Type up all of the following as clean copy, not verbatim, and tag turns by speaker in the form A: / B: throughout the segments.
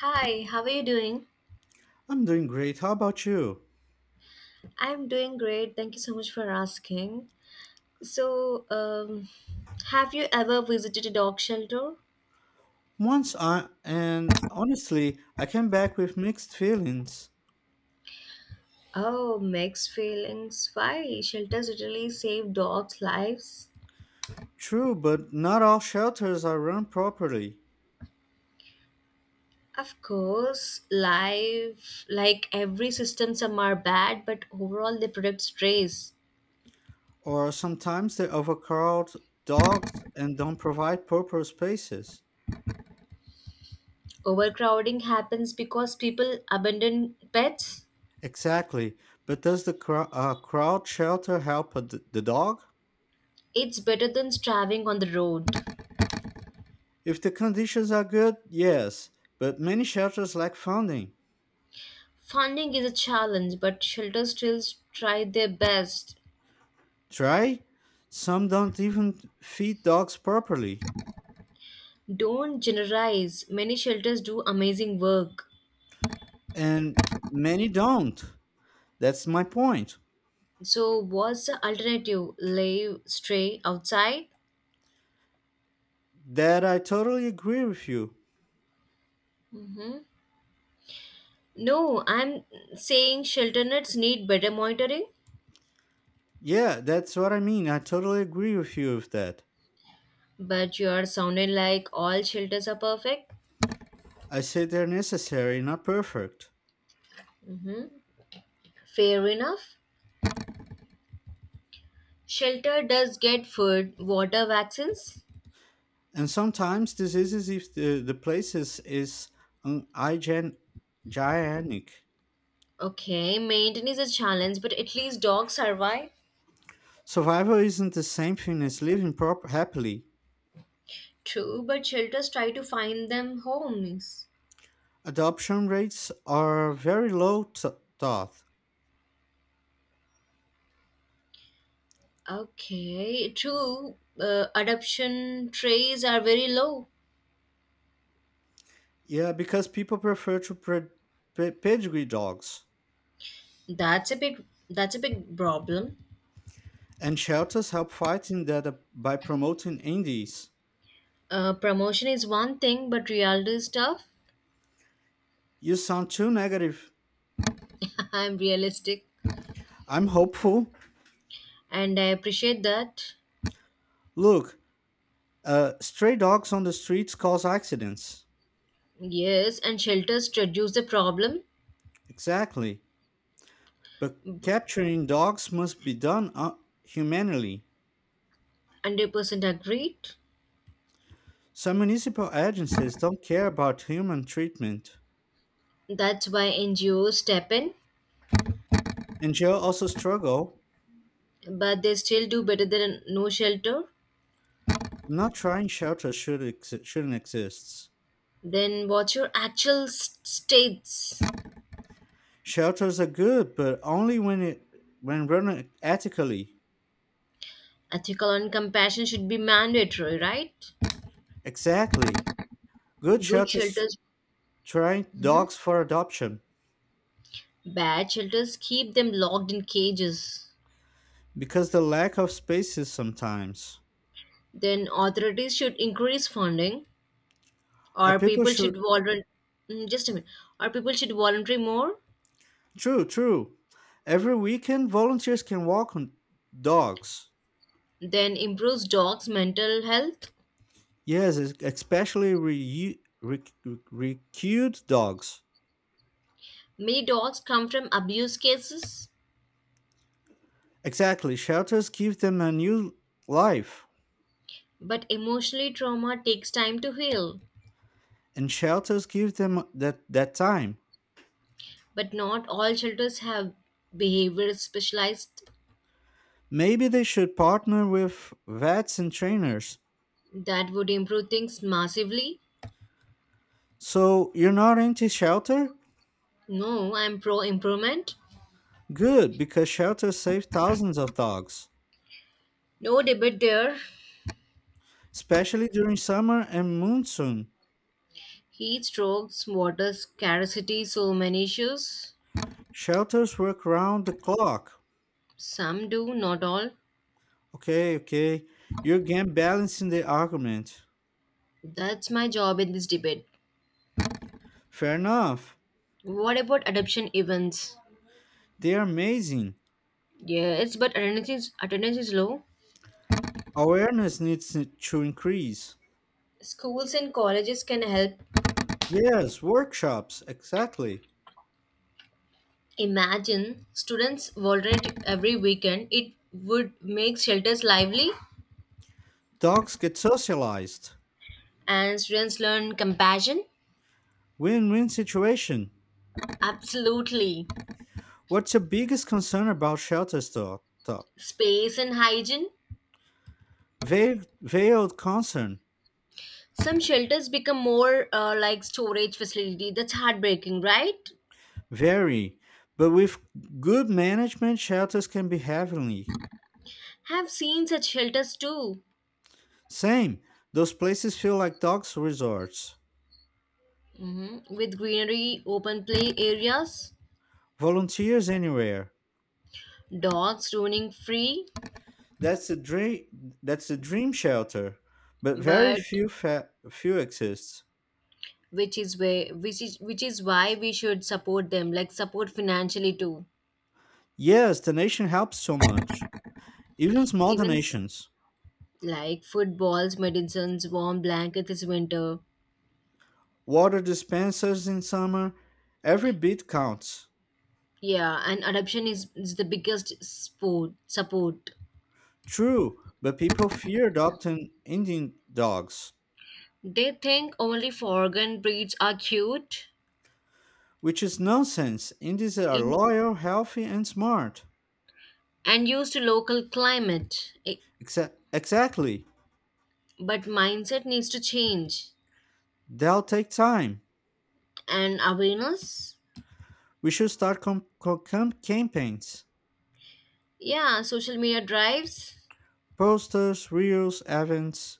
A: Hi, how are you doing?
B: I'm doing great. How about you?
A: I'm doing great. Thank you so much for asking. So, um, have you ever visited a dog shelter?
B: Once I and honestly, I came back with mixed feelings.
A: Oh, mixed feelings. Why? Shelters literally save dogs' lives.
B: True, but not all shelters are run properly,
A: Of course, life, like every system, some are bad, but overall they protect strays.
B: or sometimes they overcrowd dogs and don't provide proper spaces.
A: Overcrowding happens because people abandon pets.
B: Exactly, but does the crowd shelter help the dog?
A: It's better than starving on the road.
B: If the conditions are good, yes, but many shelters lack funding.
A: Funding is a challenge, but shelters still try their best.
B: Try? Some don't even feed dogs properly.
A: Don't generalize. Many shelters do amazing work.
B: And many don't. That's my point.
A: So, what's the alternative? Lay stray outside?
B: That I totally agree with you.
A: hmm No, I'm saying shelter nets need better monitoring,
B: Yeah, that's what I mean. I totally agree with you with that.
A: but you are sounding like all shelters are perfect.
B: I say they're necessary, not perfect.
A: hmm Fair enough. Shelter does get food, water, vaccines.
B: And sometimes diseases, if the places is un- hygiene- gigantic.
A: Okay, maintenance is a challenge, but at least dogs survive.
B: Survival isn't the same thing as living happily.
A: True, but shelters try to find them homes.
B: Adoption rates are very low, thought.
A: Okay, true. Adoption trays are very low.
B: Yeah, because people prefer to pedigree dogs.
A: That's a big problem.
B: And shelters help fighting that by promoting indies.
A: Promotion is one thing, but reality is tough.
B: You sound too negative.
A: I'm realistic,
B: I'm hopeful.
A: and I appreciate that.
B: Look, stray dogs on the streets cause accidents.
A: Yes, and shelters reduce the problem.
B: Exactly. But
A: B-
B: capturing dogs must be done humanely.
A: 100% agreed.
B: Some municipal agencies don't care about human treatment.
A: That's why NGOs step in,
B: And jail also struggle.
A: but they still do better than no shelter.
B: I'm not trying shelters shouldn't exist.
A: Then what's your actual states?
B: Shelters are good, but only when it when run ethically.
A: Ethical and compassion should be mandatory, right?
B: Exactly. Good
A: Good
B: shelters
A: shelters,
B: train
A: mhm,
B: dogs for adoption
A: bad shelters keep them locked in cages.
B: because the lack of spaces sometimes.
A: Then authorities should increase funding,
B: Are
A: or
B: people
A: people should
B: should
A: volunteer. Just a minute, or people should volunteer more.
B: true, true. Every weekend volunteers can walk on dogs.
A: Then improves dogs' mental health.
B: Yes, es- especially re- re- recruit dogs.
A: Many dogs come from abuse cases,
B: Exactly. Shelters give them a new life
A: but emotionally trauma takes time to heal.
B: and shelters give them that time.
A: But not all shelters have behavior specialized,
B: Maybe they should partner with vets and trainers.
A: that would improve things massively.
B: So you're not anti shelter?
A: No, I'm pro improvement.
B: Good, because shelters save thousands of dogs,
A: No debate there.
B: especially during summer and monsoon.
A: Heat strokes, water scarcity, so many issues.
B: Shelters work round the clock.
A: Some do, not all.
B: Okay, okay. You're again balancing the argument.
A: That's my job in this debate.
B: Fair enough.
A: What about adoption events?
B: They are amazing.
A: Yes, but attendance is low.
B: Awareness needs to increase.
A: Schools and colleges can help.
B: Yes, workshops, exactly.
A: Imagine students volunteer every weekend. It would make shelters lively
B: Dogs get socialized.
A: and students learn compassion.
B: Win win situation.
A: Absolutely.
B: What's your biggest concern about shelters, dog?
A: Space and hygiene.
B: Veiled, veiled concern.
A: Some shelters become more like storage facility. That's heartbreaking, right?
B: Very, but with good management, shelters can be heavenly.
A: Have seen such shelters too,
B: Same, those places feel like dogs resorts.
A: hmm, with greenery, open play areas,
B: Volunteers anywhere.
A: dogs roaming free.
B: That's the dream. That's the dream shelter, but
A: But
B: few exist.
A: which is way, which is why we should support them, like support financially too.
B: Yes, donation helps so much. Even small
A: Even s-
B: donations,
A: like footballs, medicines, warm blankets this winter.
B: water dispensers in summer, every bit counts.
A: Yeah, and adoption is the biggest sport support.
B: True, but people fear adopting Indian dogs.
A: They think only foreign breeds are cute
B: Which is nonsense. Indies are
A: in,
B: loyal, healthy, and smart.
A: and used to local climate. I-
B: Exactly.
A: But mindset needs to change.
B: They'll take time.
A: And awareness?
B: We should start campaigns,
A: Yeah, social media drives
B: posters, reels, events,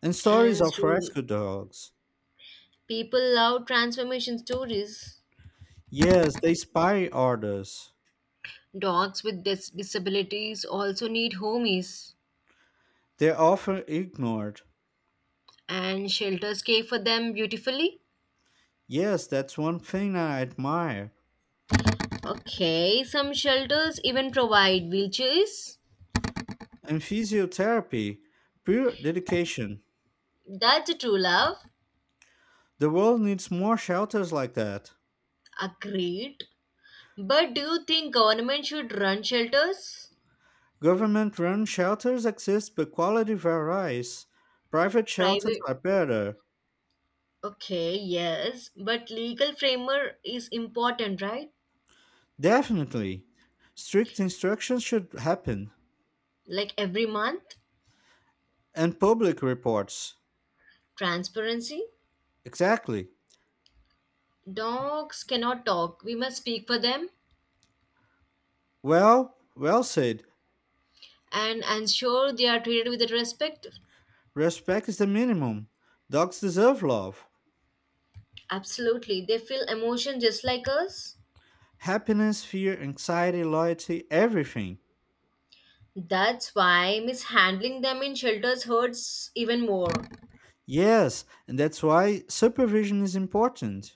B: and stories
A: and
B: of
A: story.
B: rescue dogs.
A: People love transformation stories.
B: Yes, they spy others.
A: Dogs with disabilities also need homies,
B: They're often ignored.
A: and shelters care for them beautifully.
B: Yes, that's one thing I admire.
A: Okay, some shelters even provide wheelchairs.
B: And physiotherapy, pure dedication.
A: That's a true love.
B: The world needs more shelters like that.
A: Agreed. But do you think government should run shelters?
B: Government run shelters exist, but quality varies. Private shelters
A: Private.
B: are better.
A: Okay, yes, but legal framework is important, right?
B: Definitely. Strict instructions should happen.
A: Like every month,
B: And public reports.
A: transparency.
B: Exactly.
A: Dogs cannot talk. We must speak for them
B: Well, well said.
A: and ensure they are treated with respect.
B: Respect is the minimum. Dogs deserve love.
A: Absolutely. They feel emotion just like us.
B: Happiness, fear, anxiety, loyalty, everything.
A: That's why mishandling them in shelters hurts even more.
B: Yes, and that's why supervision is important.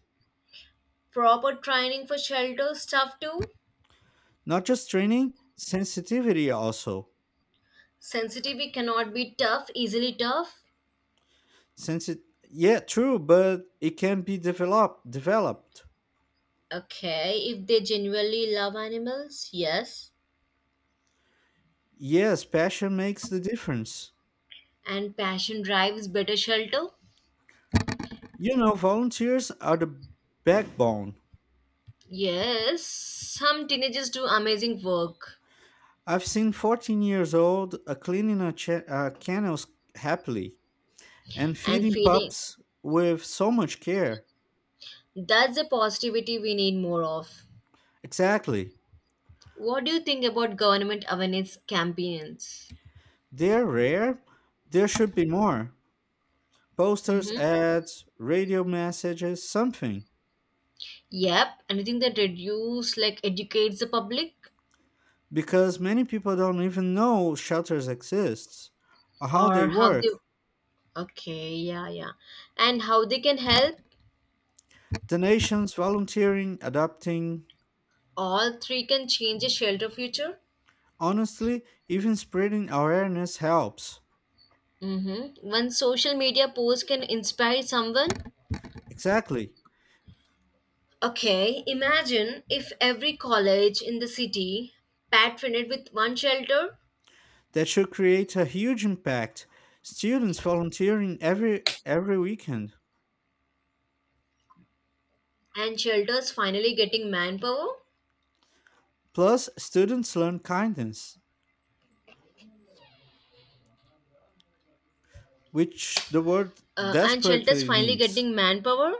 A: Proper training for shelter staff too.
B: Not just training, sensitivity also.
A: Sensitivity cannot be tough, easily tough.
B: Since it, yeah, true, but it can be developed.
A: Okay, if they genuinely love animals, yes.
B: Yes, passion makes the difference.
A: And passion drives better shelter.
B: Volunteers are the backbone.
A: Yes, some teenagers do amazing work
B: I've seen 14 years old cleaning kennels happily and
A: and
B: feeding
A: feeding.
B: pups with so much care.
A: That's the positivity we need more of.
B: Exactly,
A: What do you think about government awareness campaigns?
B: they're rare. There should be more posters,
A: Mm-hmm.
B: ads, radio messages, something,
A: Yep, anything that reduce like educates the public
B: because many people don't even know shelters exist or how
A: or
B: they
A: how
B: work.
A: they okay, yeah, yeah. And how they can help
B: Donations, volunteering, adopting,
A: all three can change a shelter future.
B: honestly, even spreading awareness helps.
A: Mm-hmm. One social media post can inspire someone.
B: Exactly.
A: Okay, imagine if every college in the city patroned with one shelter
B: That should create a huge impact. Students volunteering every weekend.
A: and shelters finally getting manpower.
B: Plus, students learn kindness, which the world
A: And shelters
B: desperately
A: finally
B: needs.
A: getting manpower.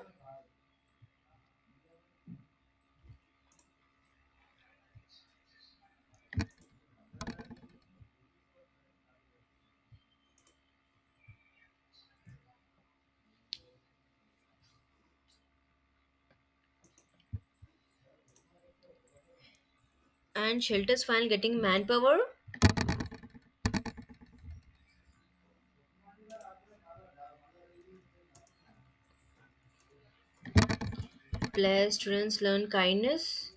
A: And shelters finally getting manpower. Plus, students learn kindness.